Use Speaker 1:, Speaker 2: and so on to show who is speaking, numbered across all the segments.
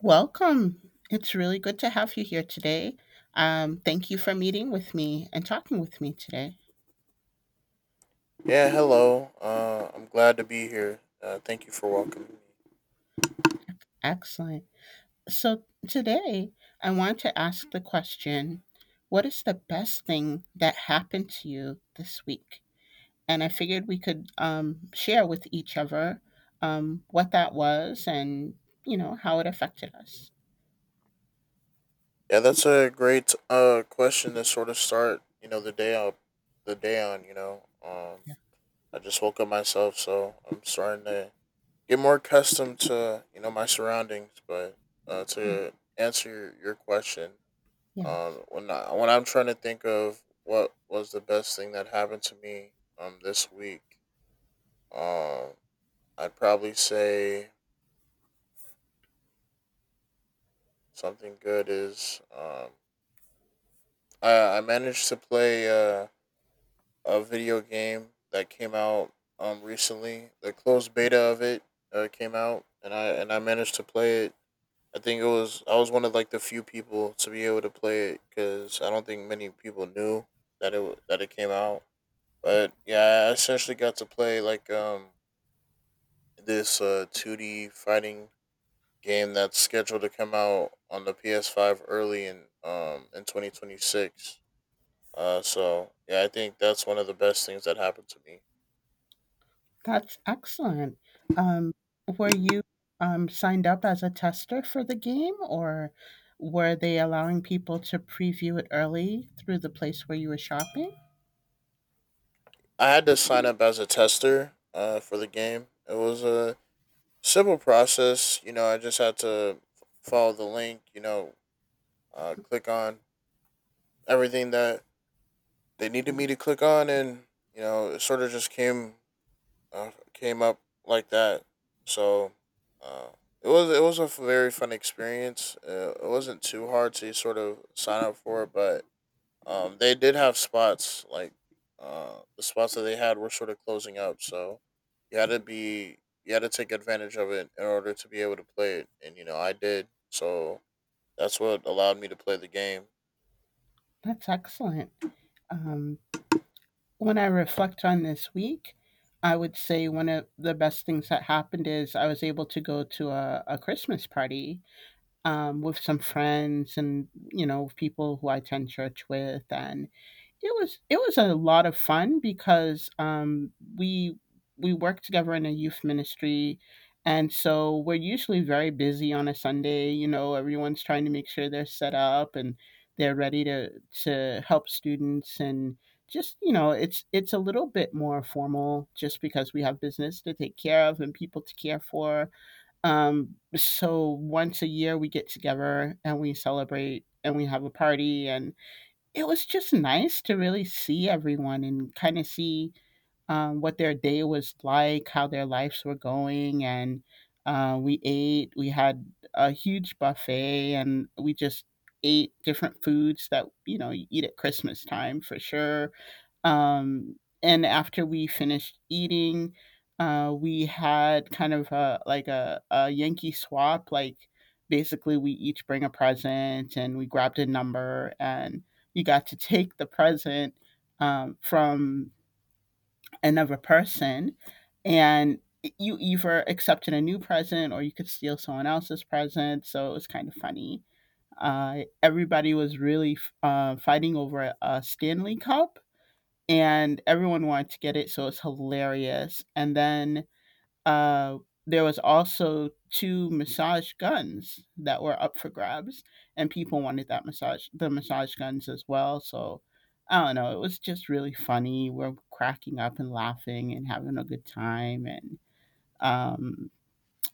Speaker 1: Welcome. It's really good to have you here today. Thank you for meeting with me and talking with me today.
Speaker 2: Yeah, hello. I'm glad to be here. Thank you for welcoming me.
Speaker 1: Excellent. So, today I want to ask the question, what is the best thing that happened to you this week? And I figured we could share with each other what that was and how it affected us.
Speaker 2: Yeah, that's a great question to sort of start you know the day on.
Speaker 1: Yeah.
Speaker 2: I just woke up myself so I'm starting to get more accustomed to you know my surroundings. But
Speaker 1: Yeah.
Speaker 2: to answer your question,
Speaker 1: Yeah.
Speaker 2: when I'm trying to think of what was the best thing that happened to me this week, um I'd probably say something good is, I managed to play a video game that came out recently. The closed beta of it came out, and I managed to play it. I think it was I was one of like the few people to be able to play it because I don't think many people knew that that it came out. But yeah, I essentially got to play like this 2D fighting game that's scheduled to come out on the PS5 early in 2026. So yeah, I think that's one of the best things that happened to me.
Speaker 1: That's excellent. Um, were you signed up as a tester for the game, or were they allowing people to preview it early through the place where you were shopping?
Speaker 2: I had to sign up as a tester for the game. It was a simple process. You know, I just had to follow the link, you know, click on everything that they needed me to click on. And, you know, it sort of just came came up like that. So uh, it was a very fun experience. It wasn't too hard to sort of sign up for it, but they did have spots like the spots that they had were sort of closing up, so you had to be you had to take advantage of it in order to be able to play it, and you know I did, so that's what allowed me to play the game.
Speaker 1: That's excellent. Um, when I reflect on this week, I would say one of the best things that happened is I was able to go to a Christmas party with some friends and people who I attend church with. And it was a lot of fun because, we we work together in a youth ministry, and so we're usually very busy on a Sunday. Everyone's trying to make sure they're set up and they're ready to help students. And just it's a little bit more formal just because we have business to take care of and people to care for. So once a year we get together and we celebrate and we have a party, and it was just nice to really see everyone and kind of see what their day was like, how their lives were going. And we ate. We had a huge buffet, and we just ate different foods that you know you eat at Christmas time for sure. Um, and after we finished eating, we had kind of a Yankee swap. Like, basically, we each bring a present and we grabbed a number, and you got to take the present from another person, and you either accepted a new present or you could steal someone else's present. So it was kind of funny. Everybody was really fighting over a Stanley Cup and everyone wanted to get it, so it's hilarious. And then uh, there was also two massage guns that were up for grabs, and people wanted that massage the massage guns as well. So I don't know, it was just really funny. We're cracking up and laughing and having a good time. And um,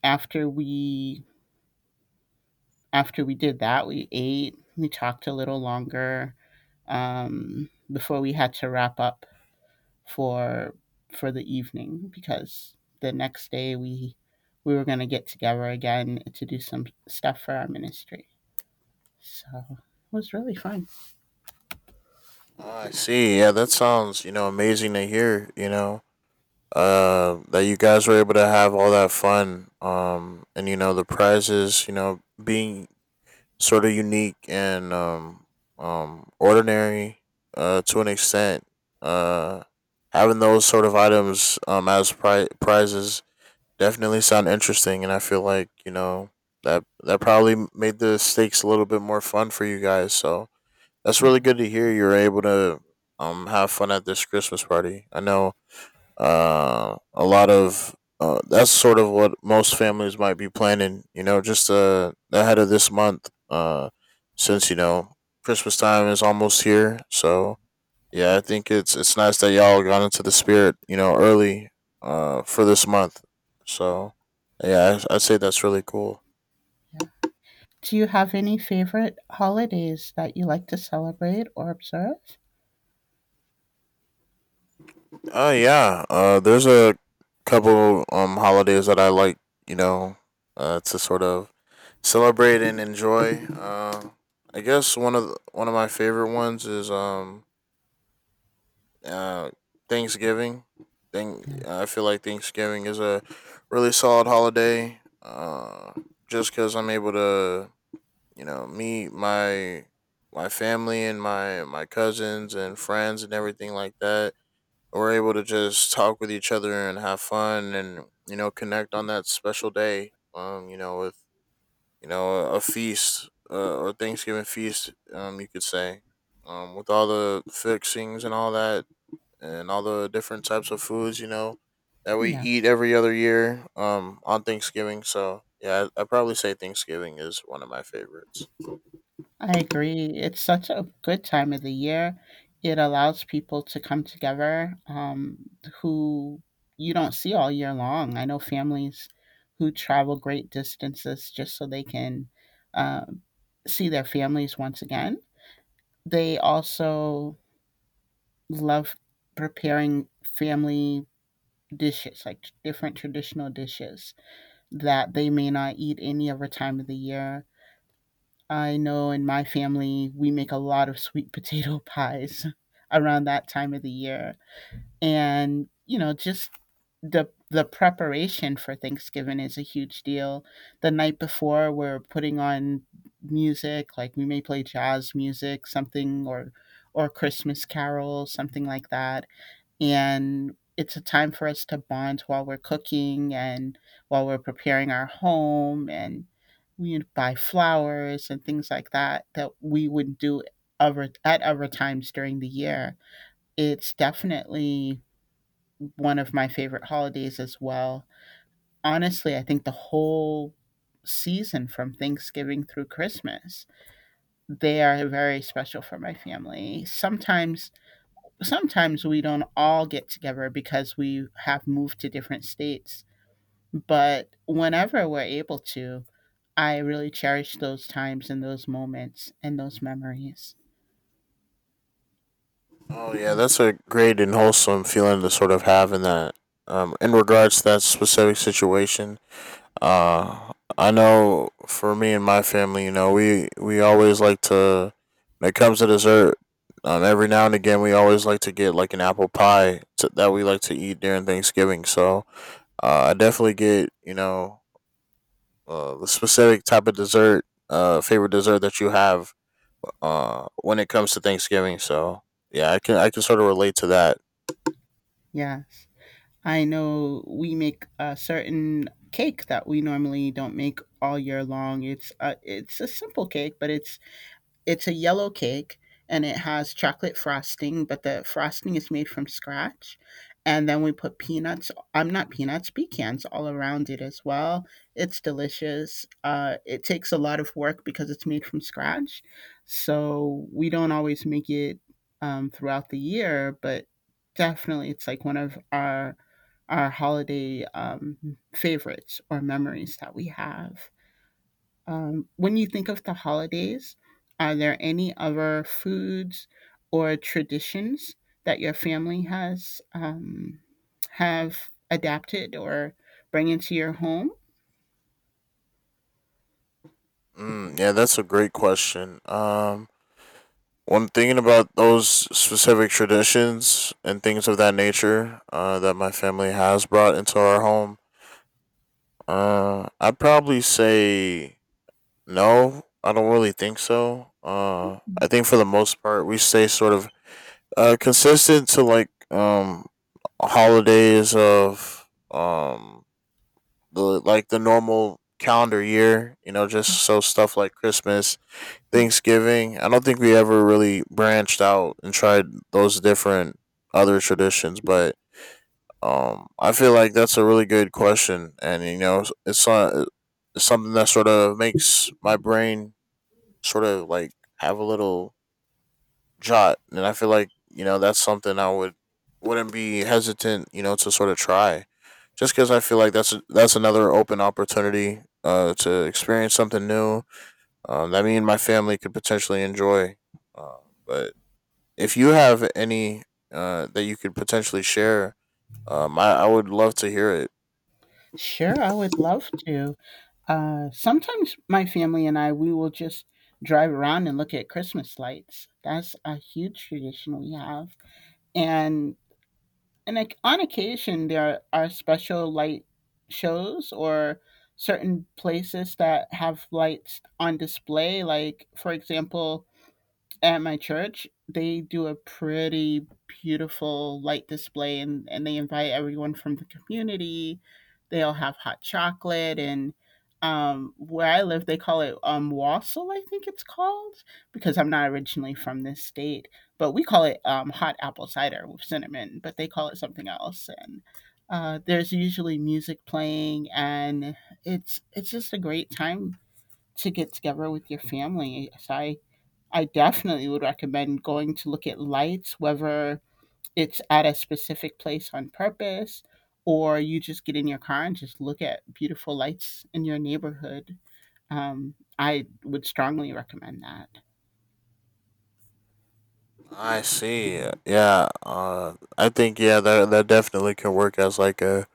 Speaker 1: after we did that, we ate, we talked a little longer before we had to wrap up for the evening, because the next day we were going to get together again to do some stuff for our ministry. So it was really fun.
Speaker 2: I see. Yeah, that sounds you know amazing to hear. You know, that you guys were able to have all that fun. And you know the prizes. You know, being sort of unique and ordinary to an extent uh having those sort of items as prizes definitely sound interesting and I feel like you know that that probably made the stakes a little bit more fun for you guys, so that's really
Speaker 1: Yeah.
Speaker 2: good to hear you're able to have fun at this Christmas party. I know a lot of that's sort of what most families might be planning. You know, just ahead of this month. Since you know Christmas time is almost here, so yeah, I think it's nice that y'all got into the spirit. You know, early. For this month. So yeah, I'd say that's really cool.
Speaker 1: Yeah. Do you have any favorite holidays that you like to celebrate or observe?
Speaker 2: Yeah. There's a couple holidays that I like, you know, to sort of celebrate and enjoy. I guess one of one of my favorite ones is uh Thanksgiving. Thing
Speaker 1: Yeah.
Speaker 2: I feel like Thanksgiving is a really solid holiday. Just because I'm able to, you know, meet my family and my cousins and friends and everything like that we're able to just talk with each other and have fun and you know connect on that special day you know with you know a, feast or Thanksgiving feast you could say with all the fixings and all that and all the different types of foods, you know, that we
Speaker 1: Yeah.
Speaker 2: eat every other year on Thanksgiving. So, yeah, I probably say Thanksgiving is one of my favorites.
Speaker 1: I agree. It's such a good time of the year. It allows people to come together, who you don't see all year long. I know families who travel great distances just so they can uh, see their families once again. They also love preparing family dishes, like different traditional dishes that they may not eat any other time of the year. I know in my family, we make a lot of sweet potato pies around that time of the year. And, you know, just the preparation for Thanksgiving is a huge deal. The night before, we're putting on music, like we may play jazz music, something, or Christmas carols, something like that, and it's a time for us to bond while we're cooking and while we're preparing our home, and we buy flowers and things like that that we would do other at other times during the year. It's definitely one of my favorite holidays as well. Honestly, I think the whole season from Thanksgiving through Christmas, they are very special for my family. Sometimes we don't all get together because we have moved to different states. But whenever we're able to, I really cherish those times and those moments and those memories.
Speaker 2: Oh yeah,
Speaker 1: Um,
Speaker 2: that's a great and wholesome feeling to sort of have in that. In regards to that specific situation, I know for me and my family, you know, we always like to when it comes to dessert. Every now and again, we always like to get like an apple pie to, that we like to eat during Thanksgiving. So I definitely get you know the specific type of dessert, favorite dessert that you have when it comes to Thanksgiving. So yeah, I can sort of relate to that.
Speaker 1: yes. I know we make a certain cake that we normally don't make all year long. It's a simple cake, but it's a yellow cake and it has chocolate frosting, but the frosting is made from scratch. And then we put peanuts, I'm not peanuts, pecans all around it as well. It's delicious. It takes a lot of work because it's made from scratch. So we don't always make it throughout the year, but definitely it's like one of our holiday favorites or memories that we have. When you think of the holidays, are there any other foods or traditions that your family has have adapted or bring into your home?
Speaker 2: Mm, yeah, that's a great question. When thinking about those specific traditions and things of that nature that my family has brought into our home, I'd probably say no. I don't really think so. I think for the most part, we stay sort of consistent to like holidays of the like the normal calendar year. You know, just so stuff like Christmas, Thanksgiving. I don't think we ever really branched out and tried those different other traditions, but I feel like that's a really good question, and you know, uh, it's something that sort of makes my brain sort of like have a little jot, and I feel like you know that's something I would wouldn't be hesitant, you know, to sort of try, just because I feel like that's another open opportunity to experience something new that me and my family could potentially enjoy. Uh, but if you have any that you could potentially share, I would love to hear it.
Speaker 1: Sure, I would love to. Sometimes my family and I, we will just drive around and look at Christmas lights. That's a huge tradition we have. And like on occasion, there are special light shows or certain places that have lights on display. Like, for example, at my church, they do a pretty beautiful light display, and they invite everyone from the community. They all have hot chocolate and where I live, they call it wassail, I think it's called, because I'm not originally from this state. But we call it hot apple cider with cinnamon, but they call it something else. And there's usually music playing, and it's just a great time to get together with your family. So I definitely would recommend going to look at lights, whether it's at a specific place on purpose or you just get in your car and just look at beautiful lights in your neighborhood. I would strongly recommend that.
Speaker 2: I see. Yeah. I think yeah that that definitely can work as like a,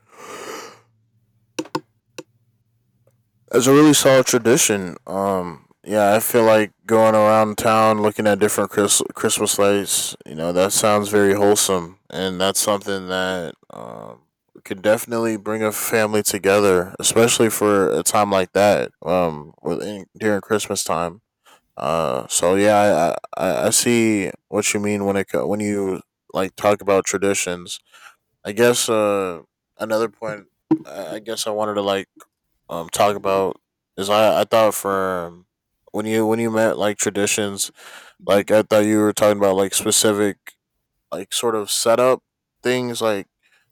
Speaker 2: it's a really solid tradition. Yeah, I feel like going around town looking at different Christmas lights. You know, that sounds very wholesome, and that's something that could definitely bring a family together, especially for a time like that. Within, during Christmas time. So yeah, I I see what you mean when when you like talk about traditions. I guess another point. I guess I wanted to like talk about is I thought for when you meant like traditions,
Speaker 1: Mhm,
Speaker 2: like I thought you were talking about like specific like sort of setup things like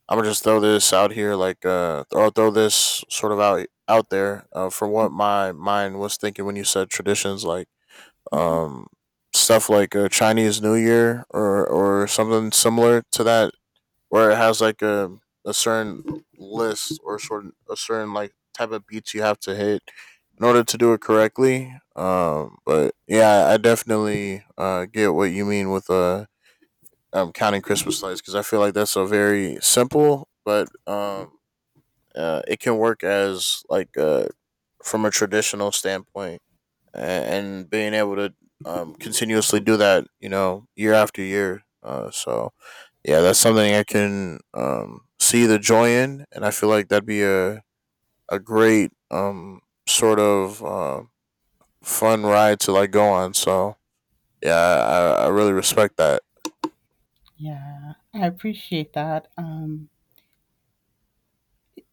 Speaker 2: I'm gonna just throw this out here like or I'll throw this sort of out there for what my mind was thinking when you said traditions like
Speaker 1: mhm.
Speaker 2: um stuff like a Chinese New Year or something similar to that where it has like a certain list or certain a certain like type of beats you have to hit in order to do it correctly. But yeah, I definitely get what you mean with counting Christmas lights because I feel like that's a very simple, but it can work as like from a traditional standpoint and being able to continuously do that, you know, year after year. So yeah, that's something I can see the joy in, and I feel like that'd be a great sort of uh, fun ride to like go on. So yeah, I really respect that.
Speaker 1: Yeah, I appreciate that.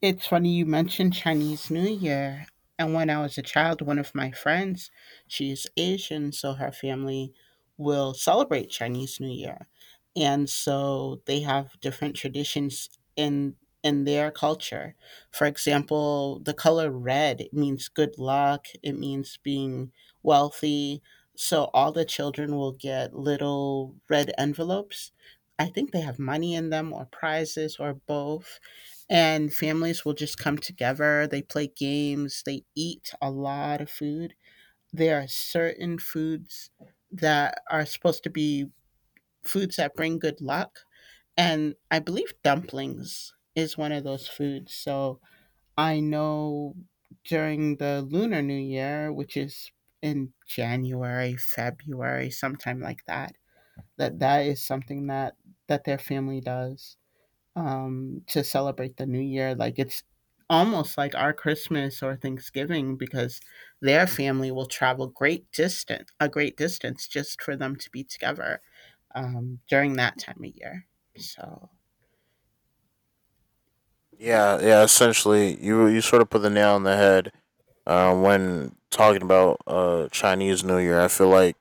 Speaker 1: It's funny you mentioned Chinese New Year. And when I was a child, one of my friends, she's Asian, so her family will celebrate Chinese New Year. And so they have different traditions in in their culture. For example, the color red, it means good luck, it means being wealthy. So all the children will get little red envelopes. I think they have money in them, or prizes, or both, and families will just come together. They play games, they eat a lot of food. There are certain foods that are supposed to be foods that bring good luck. And I believe dumplings is one of those foods. So I know during the Lunar New Year, which is in January, February, sometime like that, that that is something that their family does to celebrate the new year. Like, it's almost like our Christmas or Thanksgiving, because their family will travel great distance, a great distance, just for them to be together during that time of year. So
Speaker 2: Yeah, yeah. Essentially, you sort of put the nail on the head. When talking about Chinese New Year, I feel like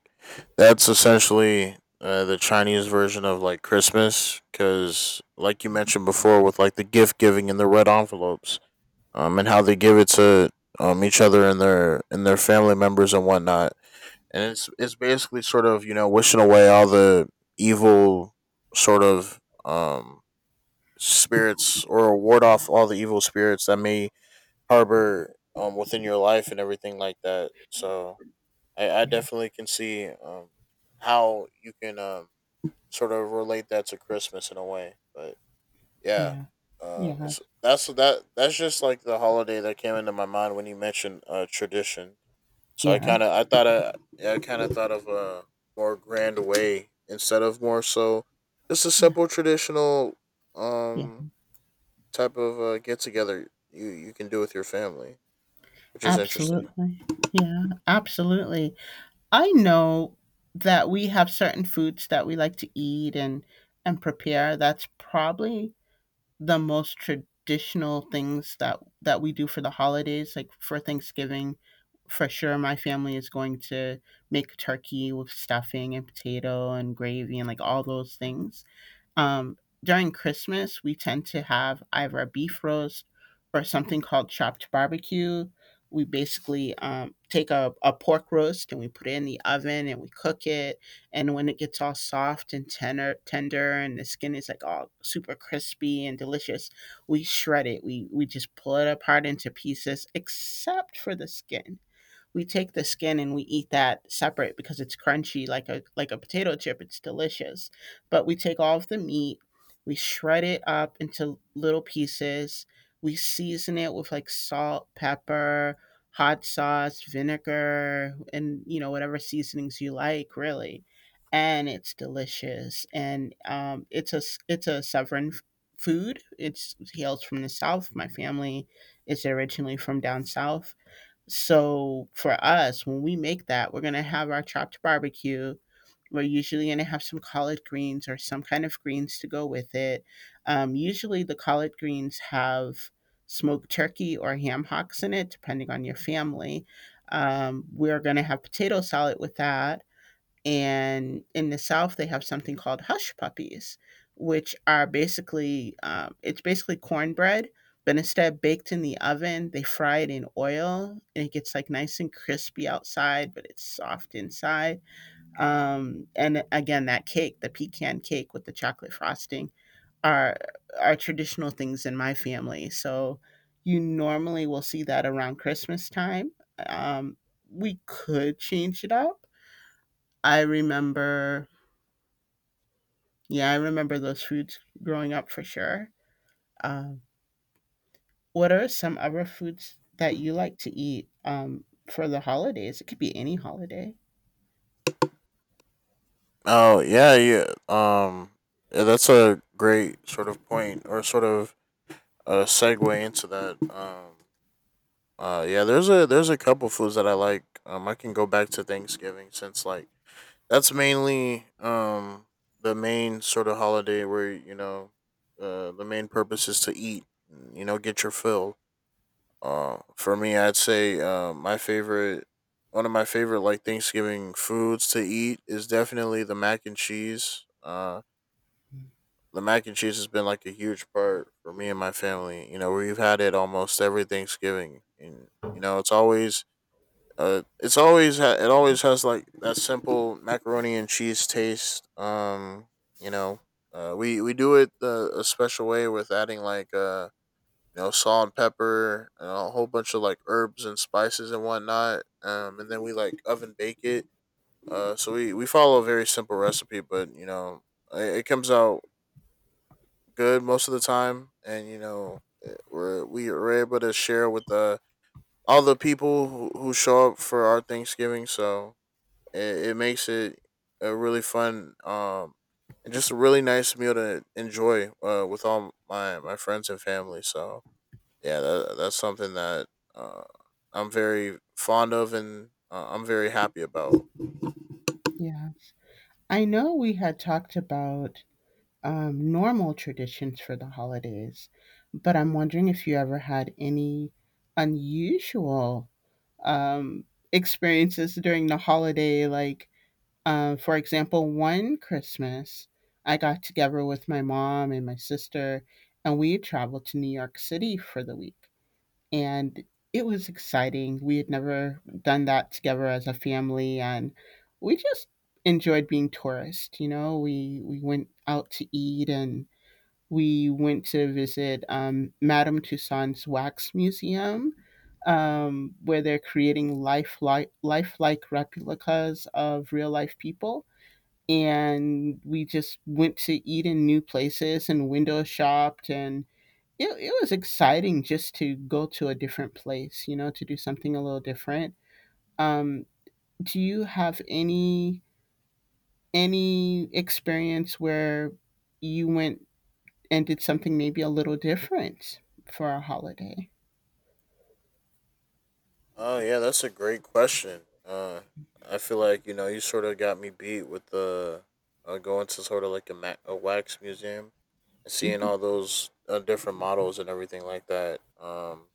Speaker 2: that's essentially the Chinese version of like Christmas, because like you mentioned before, with like the gift giving and the red envelopes, and how they give it to each other and their family members and whatnot, and it's basically sort of you know wishing away all the evil sort of um spirits or ward off all the evil spirits that may harbor within your life and everything like that. So I
Speaker 1: yeah,
Speaker 2: definitely can see how you can sort of relate that to Christmas in a way. But yeah,
Speaker 1: yeah, yeah,
Speaker 2: it's, that's that that's just like the holiday that came into my mind when you mentioned tradition. So I
Speaker 1: yeah,
Speaker 2: kind of I thought I yeah, I kind of thought of a more grand way instead of more so just a
Speaker 1: yeah,
Speaker 2: simple traditional
Speaker 1: yeah.
Speaker 2: um type of get together you can do with your family, which is interesting.
Speaker 1: Absolutely, yeah, absolutely. I know that we have certain foods that we like to eat and prepare. That's probably the most traditional things that we do for the holidays. Like, for Thanksgiving, for sure my family is going to make turkey with stuffing and potato and gravy and like all those things. um, During Christmas, we tend to have either a beef roast or something called chopped barbecue. We basically take a pork roast and we put it in the oven and we cook it. And when it gets all soft and tender, tender, and the skin is like all super crispy and delicious, we shred it. We just pull it apart into pieces, except for the skin. We take the skin and we eat that separate because it's crunchy like a potato chip. It's delicious. But we take all of the meat, we shred it up into little pieces. We season it with like salt, pepper, hot sauce, vinegar, and whatever seasonings you like, really. And it's delicious. And it's a southern food. It's it hails from the south. My family is originally from down south, so for us, when we make that, we're gonna have our chopped barbecue. We're usually gonna have some collard greens or some kind of greens to go with it. Usually, the collard greens have smoked turkey or ham hocks in it, depending on your family. We're gonna have potato salad with that, and in the south they have something called hush puppies, which are basically it's basically cornbread, but instead baked in the oven they fry it in oil and it gets like nice and crispy outside but it's soft inside. And again, that cake, the pecan cake with the chocolate frosting, are are traditional things in my family, so you normally will see that around Christmas time. um, we could change it up. I remember Yeah, I remember those foods growing up for sure. Um, what are some other foods that you like to eat for the holidays? It could be any holiday.
Speaker 2: Oh yeah, yeah. Yeah, that's a great sort of point or sort of a segue into that. Yeah, there's a couple foods that I like. I can go back to Thanksgiving since like that's mainly the main sort of holiday where you know, the main purpose is to eat. You know, get your fill. For me, I'd say my favorite. One of my favorite like Thanksgiving foods to eat is definitely the mac and cheese. The mac and cheese has been like a huge part for me and my family. You know, we've had it almost every Thanksgiving, and you know, it's always it always has like that simple macaroni and cheese taste. You know, we do it a special way with adding like salt and pepper and a whole bunch of like herbs and spices and whatnot. And then we like oven bake it. So we follow a very simple recipe, but it comes out good most of the time, and we were able to share with all the people who show up for our Thanksgiving. So it makes it a really fun and just a really nice meal to enjoy with all my friends and family. So yeah, that's something that uh, I'm very fond of and I'm very happy about.
Speaker 1: Yeah. I know we had talked about normal traditions for the holidays, but I'm wondering if you ever had any unusual um, experiences during the holiday, like. For example, one Christmas, I got together with my mom and my sister, and we traveled to New York City for the week. And it was exciting. We had never done that together as a family, and we just enjoyed being tourists. You know, we went out to eat, and we went to visit Madame Tussauds Wax Museum, where they're creating lifelike replicas of real life people, and we just went to eat in new places and window shopped. And it was exciting just to go to a different place, you know, to do something a little different. um, do you have any experience where you went and did something maybe a little different for a holiday?
Speaker 2: Oh yeah, that's a great question. I feel like you know you sort of got me beat with the going to sort of like a wax museum and seeing
Speaker 1: Yeah,
Speaker 2: all those different models and everything like that.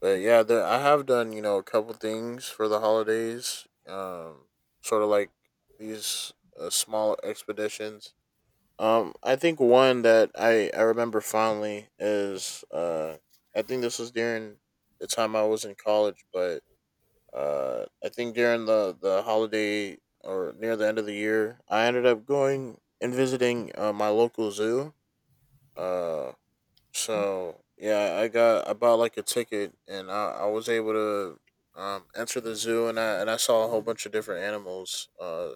Speaker 2: But yeah, I have done you know a couple things for the holidays. Sort of like these Small expeditions. I think one that I remember fondly is I think this was during the time I was in college, but I think during the holiday or near the end of the year, I ended up going and visiting my local zoo. Uh, so yeah, I bought like a ticket, and I was able to enter the zoo, and I saw a whole bunch of different animals. Uh,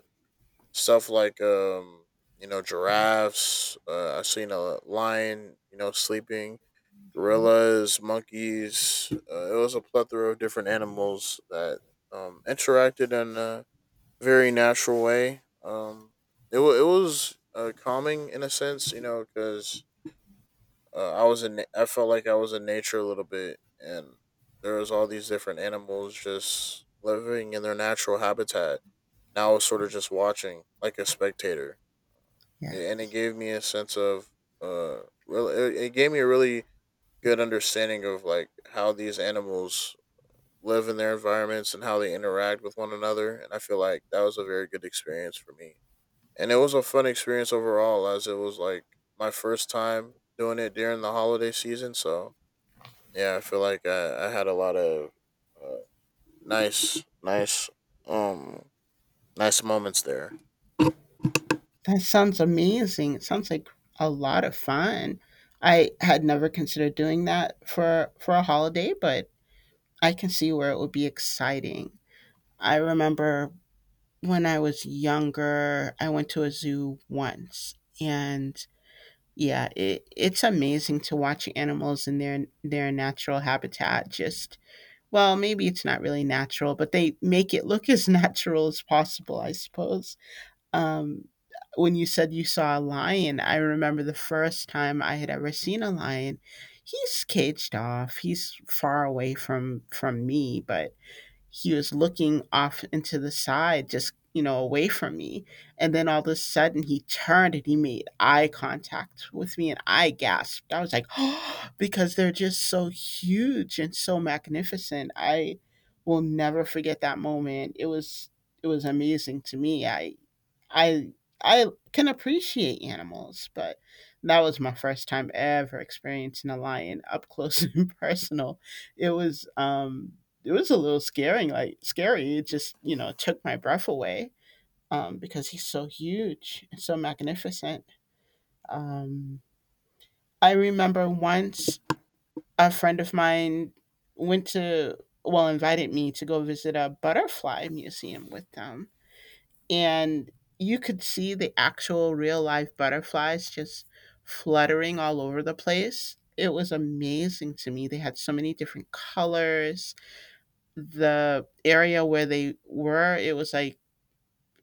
Speaker 2: stuff like um you know giraffes. I seen a lion. You know, sleeping gorillas, monkeys. It was a plethora of different animals that interacted in a very natural way. It was calming in a sense, you know, because I was I felt like I was in nature a little bit, and there was all these different animals just living in their natural habitat. And I was sort of just watching like a spectator, and it gave me a sense of uh, really. It gave me a really good understanding of like how these animals live in their environments and how they interact with one another, and I feel like that was a very good experience for me, and it was a fun experience overall, as it was like my first time doing it during the holiday season. So yeah, I feel like I had a lot of uh, nice nice um nice moments there.
Speaker 1: that sounds amazing. It sounds like a lot of fun. I had never considered doing that for a holiday, but I can see where it would be exciting. I remember when I was younger, I went to a zoo once, and yeah, it's amazing to watch animals in their natural habitat. Just, well, maybe it's not really natural, but they make it look as natural as possible, I suppose. Um, when you said you saw a lion, I remember the first time I had ever seen a lion. He's caged off. He's far away from me, but he was looking off into the side, just, you know, away from me. And then all of a sudden he turned and he made eye contact with me and I gasped. I was like, "Oh!" because they're just so huge and so magnificent. I will never forget that moment. It was amazing to me. I I can appreciate animals, but that was my first time ever experiencing a lion up close and personal. It was um it was a little scaring, like scary. It just, you know, took my breath away because he's so huge and so magnificent. Um I remember once a friend of mine went to, well, invited me to go visit a butterfly museum with them, and you could see the actual real life butterflies just fluttering all over the place. It was amazing to me. They had so many different colors. The area where they were, it was like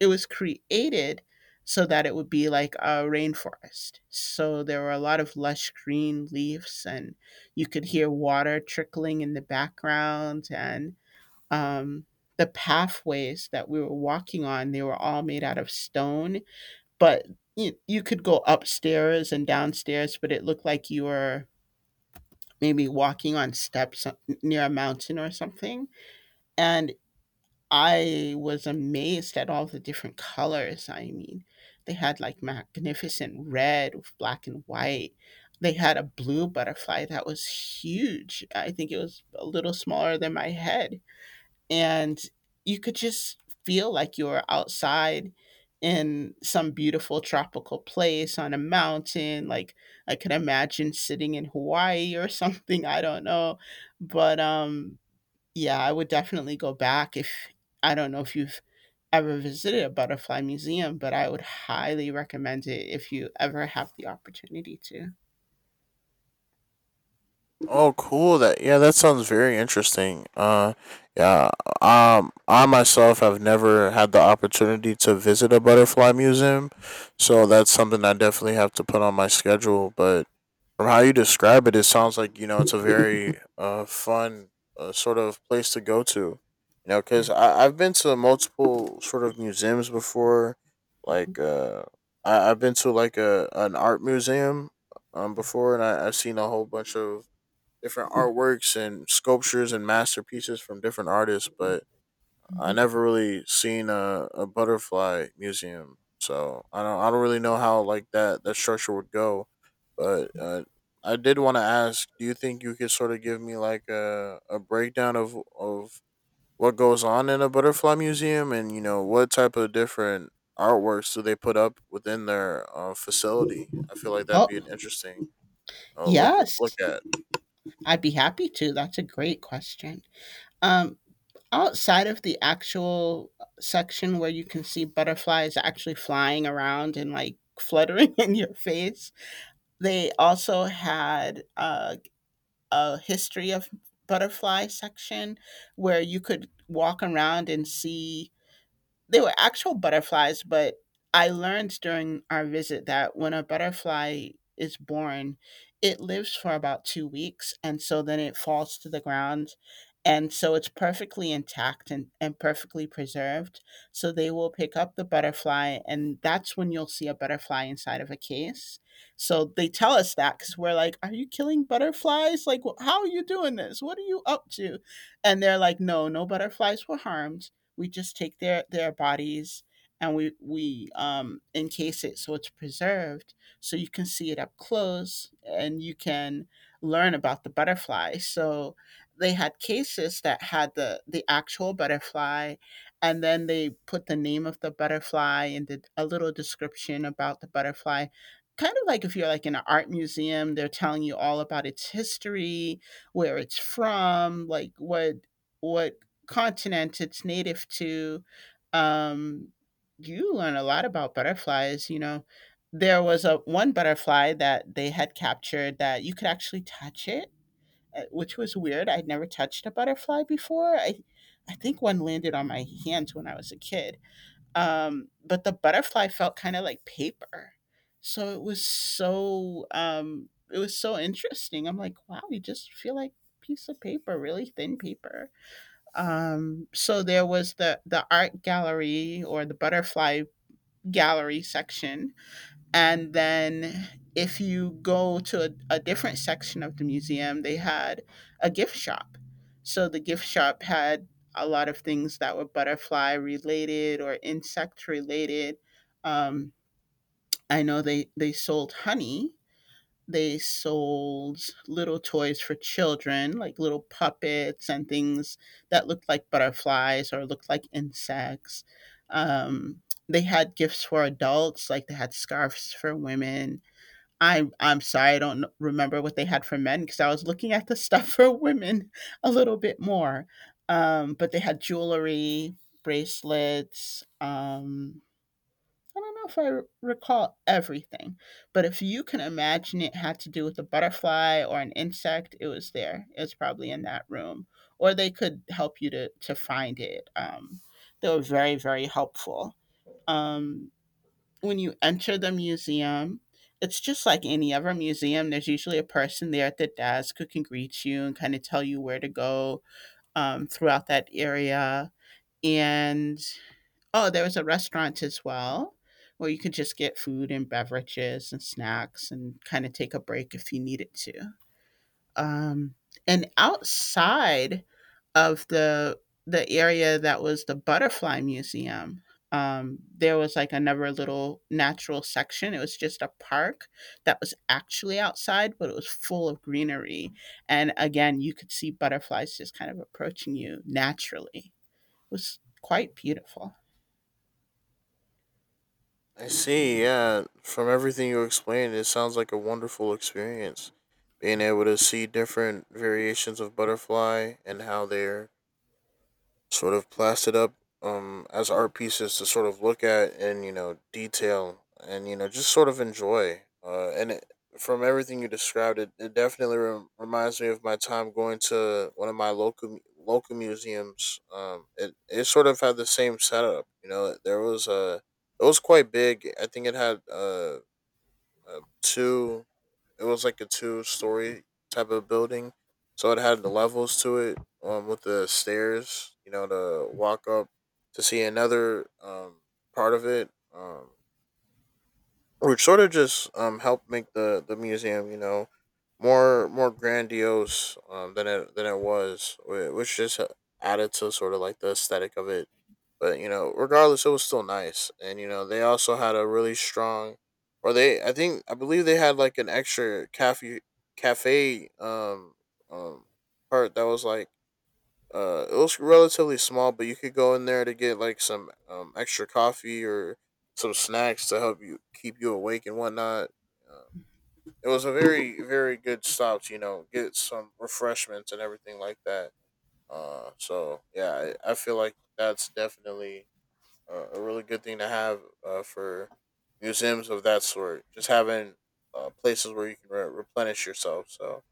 Speaker 1: it was created so that it would be like a rainforest. So there were a lot of lush green leaves, and you could hear water trickling in the background. And um, the pathways that we were walking on, they were all made out of stone, but you could go upstairs and downstairs, but it looked like you were maybe walking on steps near a mountain or something. And I was amazed at all the different colors. I mean, they had like magnificent red with black and white. They had a blue butterfly that was huge. I think it was a little smaller than my head, and you could just feel like you were outside in some beautiful tropical place on a mountain. Like, I could imagine sitting in Hawaii or something, I don't know. But yeah, I would definitely go back if. I don't know if you've ever visited a butterfly museum, but I would highly recommend it if you ever have the opportunity to.
Speaker 2: Oh, cool. That Yeah, that sounds very interesting. Yeah. I myself have never had the opportunity to visit a butterfly museum, so that's something I definitely have to put on my schedule. But from how you describe it, it sounds like you know it's a very fun sort of place to go to. You know,
Speaker 1: Yeah.
Speaker 2: because I've been to multiple sort of museums before,
Speaker 1: Mhm.
Speaker 2: like I've been to like a an art museum
Speaker 1: Yeah.
Speaker 2: before, and I've seen a whole bunch of different artworks and sculptures and masterpieces from different artists, but I
Speaker 1: Mhm.
Speaker 2: never really seen a butterfly museum. So I don't really know how like that structure would go, but I did want to ask: do you think you could sort of give me like a breakdown of what goes on in a butterfly museum, and you know what type of different artworks do they put up within their facility? I feel like that'd be an
Speaker 1: Oh,
Speaker 2: interesting look
Speaker 1: yes,
Speaker 2: at.
Speaker 1: I'd be happy to. That's a great question. um Outside of the actual section where you can see butterflies actually flying around and like fluttering in your face, they also had a history of butterfly section where you could walk around and see. They were actual butterflies, but I learned during our visit that when a butterfly is born, it lives for about 2 weeks, and so then it falls to the ground. And so it's perfectly intact and perfectly preserved. So they will pick up the butterfly, and that's when you'll see a butterfly inside of a case. So they tell us that because we're like, "Are you killing butterflies? Like, wh- how are you doing this? What are you up to?" And they're like, "No, no butterflies were harmed, we just take their bodies and we encase it so it's preserved so you can see it up close and you can learn about the butterfly." So they had cases that had the actual butterfly, and then they put the name of the butterfly and did a little description about the butterfly, kind of like if you're like in an art museum, they're telling you all about its history, where it's from, like what continent it's native to. um, you learn a lot about butterflies. You know, there was a one butterfly that they had captured that you could actually touch it, which was weird. I'd never touched a butterfly before. I think one landed on my hands when I was a kid. But the butterfly felt kind of like paper, so it was so it was so interesting. I'm like, wow, you just feel like piece of paper, really thin paper. So there was the art gallery or the butterfly gallery section, and then if you go to a different section of the museum, they had a gift shop. So the gift shop had a lot of things that were butterfly related or insect related. Um, I know they sold honey, they sold little toys for children, like little puppets and things that looked like butterflies or looked like insects. Um, they had gifts for adults, like they had scarves for women. I'm sorry, I don't remember what they had for men because I was looking at the stuff for women a little bit more. But they had jewelry, bracelets. I don't know if I recall everything, but if you can imagine it had to do with a butterfly or an insect, it was there. It was probably in that room, or they could help you to find it. They were very very helpful. Um, when you enter the museum, it's just like any other museum. There's usually a person there at the desk who can greet you and kind of tell you where to go throughout that area. And oh, there was a restaurant as well where you could just get food and beverages and snacks and kind of take a break if you needed to. Um, and outside of the area that was the butterfly museum, there was like another little natural section. It was just a park that was actually outside, but it was full of greenery. And again, you could see butterflies just kind of approaching you naturally. It was quite beautiful.
Speaker 2: I see. Yeah, from everything you explained, it sounds like a wonderful experience. Being able to see different variations of butterfly and how they're sort of plastered up as art pieces to sort of look at and you know detail and you know just sort of enjoy from everything you described it definitely reminds me of my time going to one of my local local museums. It sort of had the same setup. You know, there was a, it was quite big. I think it had two. It was like a two-story type of building, so it had the levels to it, with the stairs, you know, to walk up to see another part of it. Which sort of just helped make the museum, you know, more grandiose than it was, which just added to sort of like the aesthetic of it. But you know, regardless, it was still nice, and you know they also had a really strong, or they, I think I believe they had like an extra cafe um part that was like it was relatively small, but you could go in there to get like some extra coffee or some snacks to help you keep you awake and whatnot. Um, it was a very good stop to, you know, get some refreshments and everything like that. So yeah, I feel like that's definitely a really good thing to have for museums of that sort. Just having places where you can replenish yourself. So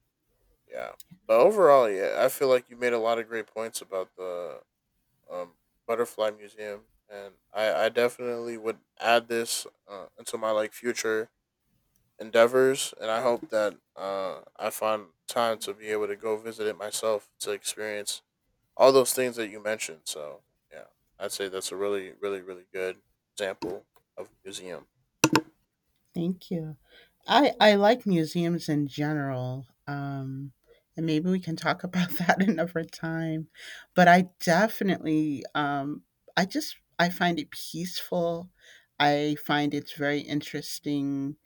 Speaker 2: yeah, but overall, yeah, I feel like you made a lot of great points about the um, butterfly museum, and I definitely would add this into my like future endeavors, and I hope that I find time to be able to go visit it myself to experience all those things that you mentioned. So yeah, I'd say that's a really, really, really good example of a museum.
Speaker 1: Thank you. I like museums in general, and maybe we can talk about that another time. But I definitely, I just I find it peaceful. I find it's very interesting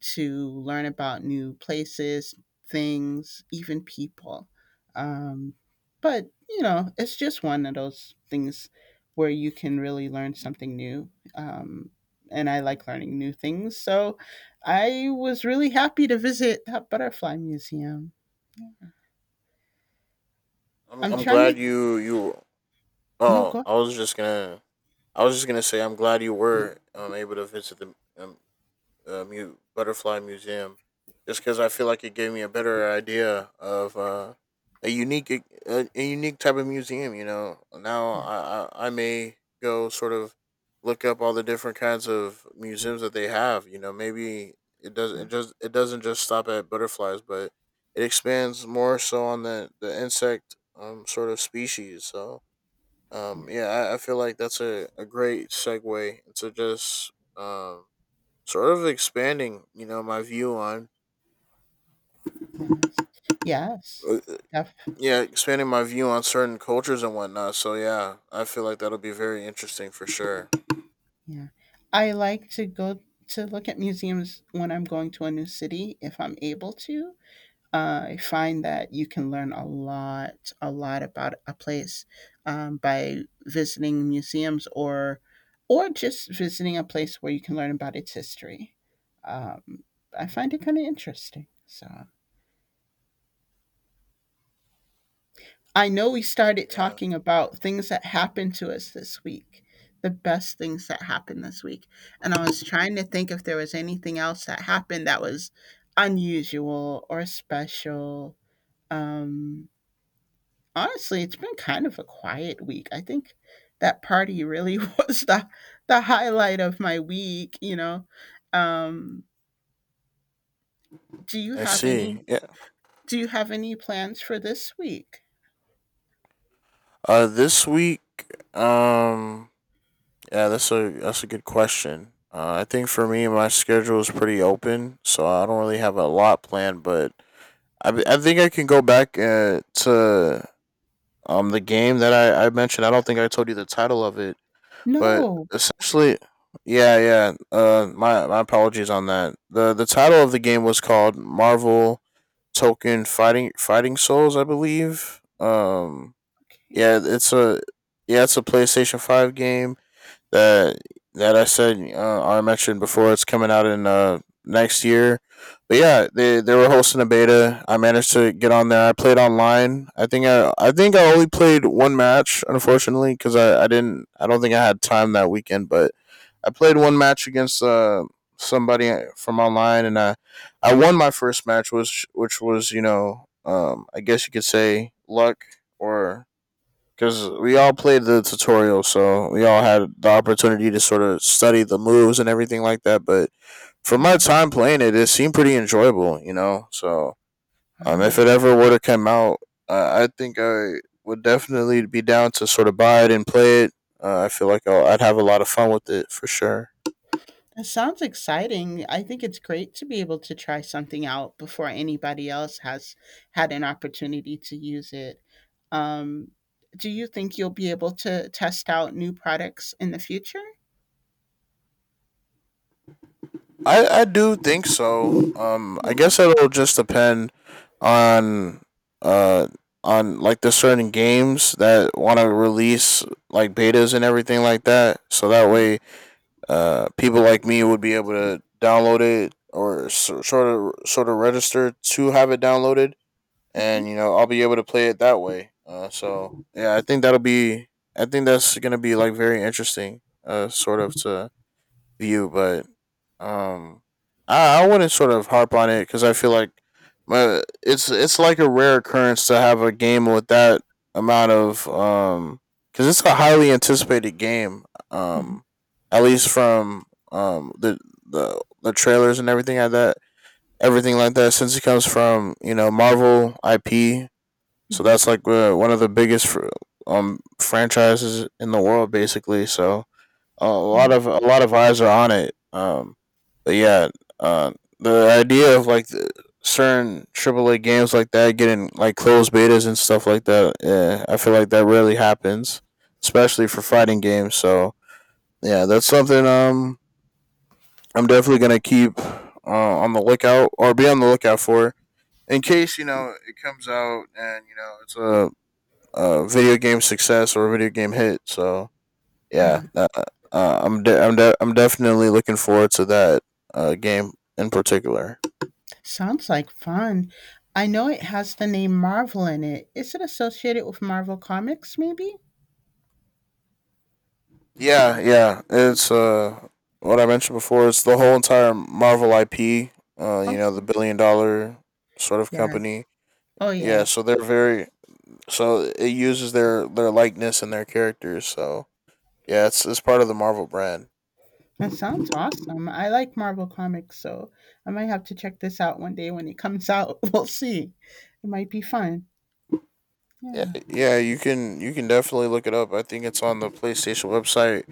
Speaker 1: to learn about new places, things, even people. Um, but you know, it's just one of those things where you can really learn something new. And I like learning new things, so I was really happy to visit that butterfly museum.
Speaker 2: I'm
Speaker 1: I'm trying to.
Speaker 2: glad you you.
Speaker 1: No,
Speaker 2: Oh,
Speaker 1: go.
Speaker 2: I was just gonna, I was just gonna say I'm glad you were able to visit the butterfly museum, just because I feel like it gave me a better idea of a unique type of museum. You know, now
Speaker 1: Yeah.
Speaker 2: I may go sort of look up all the different kinds of museums that they have. You know, maybe
Speaker 1: Yeah.
Speaker 2: it doesn't just stop at butterflies, but it expands more so on the insect sort of species. So
Speaker 1: Yeah.
Speaker 2: yeah, I feel like that's a great segue into just sort of expanding, you know, my view on
Speaker 1: Yes. Yes.
Speaker 2: uh,
Speaker 1: Def,
Speaker 2: yeah, expanding my view on certain cultures and whatnot. So yeah, I feel like that'll be very interesting for sure.
Speaker 1: yeah. I like to go to look at museums when I'm going to a new city if I'm able to. I find that you can learn a lot about a place, by visiting museums or just visiting a place where you can learn about its history. Um, I find it kind of interesting. So. I know we started
Speaker 2: Yeah,
Speaker 1: talking about things that happened to us this week, the best things that happened this week. And I was trying to think if there was anything else that happened that was unusual or special. Um, Honestly, it's been kind of a quiet week. I think that party really was the highlight of my week, you know. Um, do you
Speaker 2: I
Speaker 1: have any
Speaker 2: see. Yeah,
Speaker 1: do you have any plans for this week?
Speaker 2: this week, um, yeah, that's a good question. I think for me, my schedule is pretty open, so I don't really have a lot planned. But I think I can go back to the game that I mentioned. I don't think I told you the title of it. But
Speaker 1: No.
Speaker 2: essentially, yeah, yeah. My my apologies on that. The title of the game was called Marvel Token Fighting Souls, I believe.
Speaker 1: Okay.
Speaker 2: Yeah, it's a, yeah, it's a PlayStation Five game that I said I mentioned before. It's coming out in next year, but yeah, they were hosting a beta. I managed to get on there. I played online. I think I only played one match, unfortunately, because I don't think I had time that weekend. But I played one match against somebody from online, and I won my first match, which was you know I guess you could say luck, or because we all played the tutorial, so we all had the opportunity to sort of study the moves and everything like that. But for my
Speaker 1: Wow.
Speaker 2: time playing it, it seemed pretty enjoyable, you know. So if it
Speaker 1: Wow.
Speaker 2: ever were to come out, I think I would definitely be down to sort of buy it and play it. I feel like I'd have a lot of fun with it for sure.
Speaker 1: That sounds exciting. I think it's great to be able to try something out before anybody else has had an opportunity to use it. Um, do you think you'll be able to test out new products in the future?
Speaker 2: I do think so. I
Speaker 1: Yeah.
Speaker 2: guess it'll just depend on uh on like the certain games that want to release like betas and everything like that. So that way, people like me would be able to download it, or so, sort of register to have it downloaded,
Speaker 1: Mhm.
Speaker 2: and you know I'll be able to play it that way. So yeah, I think that'll be. I think that's gonna be like very interesting. Sort of to view, but um, I wouldn't sort of harp on it because I feel like it's like a rare occurrence to have a game with that amount of because it's a highly anticipated game,
Speaker 1: Mhm.
Speaker 2: um at least from um the the trailers and everything like that, since it comes from you know Marvel IP. So
Speaker 1: Mhm.
Speaker 2: that's like one of the biggest franchises in the world basically, so a lot of eyes are on it. But yeah, uh, the idea of like the certain AAA games like that getting like closed betas and stuff like that, yeah, I feel like that rarely happens, especially for fighting games. So yeah, that's something I'm definitely gonna keep on the lookout, or be on the lookout for, in case you know it comes out and you know it's a video game success or a video game hit. So yeah,
Speaker 1: Yeah,
Speaker 2: I'm definitely looking forward to that game in particular.
Speaker 1: sounds like fun. I know it has the name Marvel in it. Is it associated with Marvel Comics, maybe?
Speaker 2: Yeah, yeah, it's what I mentioned before. It's the whole entire Marvel IP. You know, the
Speaker 1: Okay.
Speaker 2: billion-dollar sort of
Speaker 1: Yeah.
Speaker 2: company.
Speaker 1: Oh,
Speaker 2: Yeah,
Speaker 1: yeah.
Speaker 2: so they're very, so it uses their likeness and their characters. So yeah, it's part of the Marvel brand.
Speaker 1: That sounds awesome. I like Marvel Comics, so I might have to check this out one day when it comes out. We'll see. It might be fun.
Speaker 2: Yeah,
Speaker 1: Yeah.
Speaker 2: yeah, you can definitely look it up. I think it's on the PlayStation website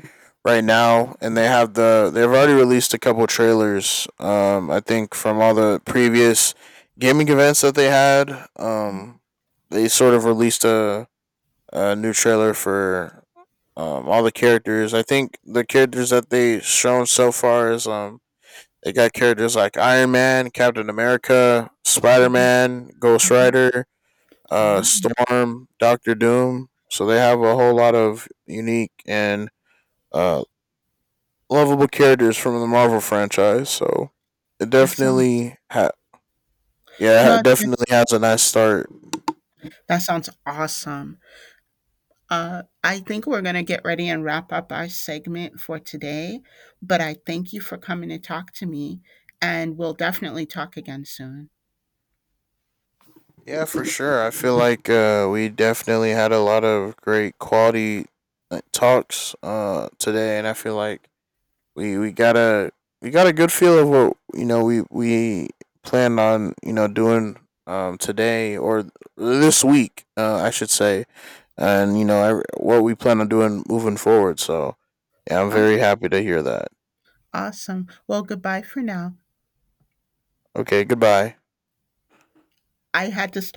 Speaker 2: right now, and they have the they've already released a couple trailers. I think from all the previous gaming events that they had, they sort of released a new trailer for all the characters. I think the characters that they shown so far is they got characters like Iron Man, Captain America, Spider
Speaker 1: Mhm.
Speaker 2: Man, Ghost
Speaker 1: Mhm.
Speaker 2: Rider,
Speaker 1: Oh,
Speaker 2: Storm, Doctor Doom. So they have a whole lot of unique and uh, lovable characters from the Marvel franchise. So it
Speaker 1: that sounds.
Speaker 2: yeah,
Speaker 1: No,
Speaker 2: it
Speaker 1: that's,
Speaker 2: definitely has a nice start.
Speaker 1: that sounds awesome. I think we're gonna get ready and wrap up our segment for today, but I thank you for coming to talk to me, and we'll definitely talk again soon.
Speaker 2: Yeah, for sure. I feel like we definitely had a lot of great quality, like, talks today, and I feel like we we got a we got a good feel of what you know we plan on you know doing today, or this week I should say, and you know what we plan on doing moving forward. So yeah, I'm very
Speaker 1: Awesome.
Speaker 2: happy to hear that.
Speaker 1: Awesome. Well, goodbye for now.
Speaker 2: Okay, goodbye.
Speaker 1: I had to stop.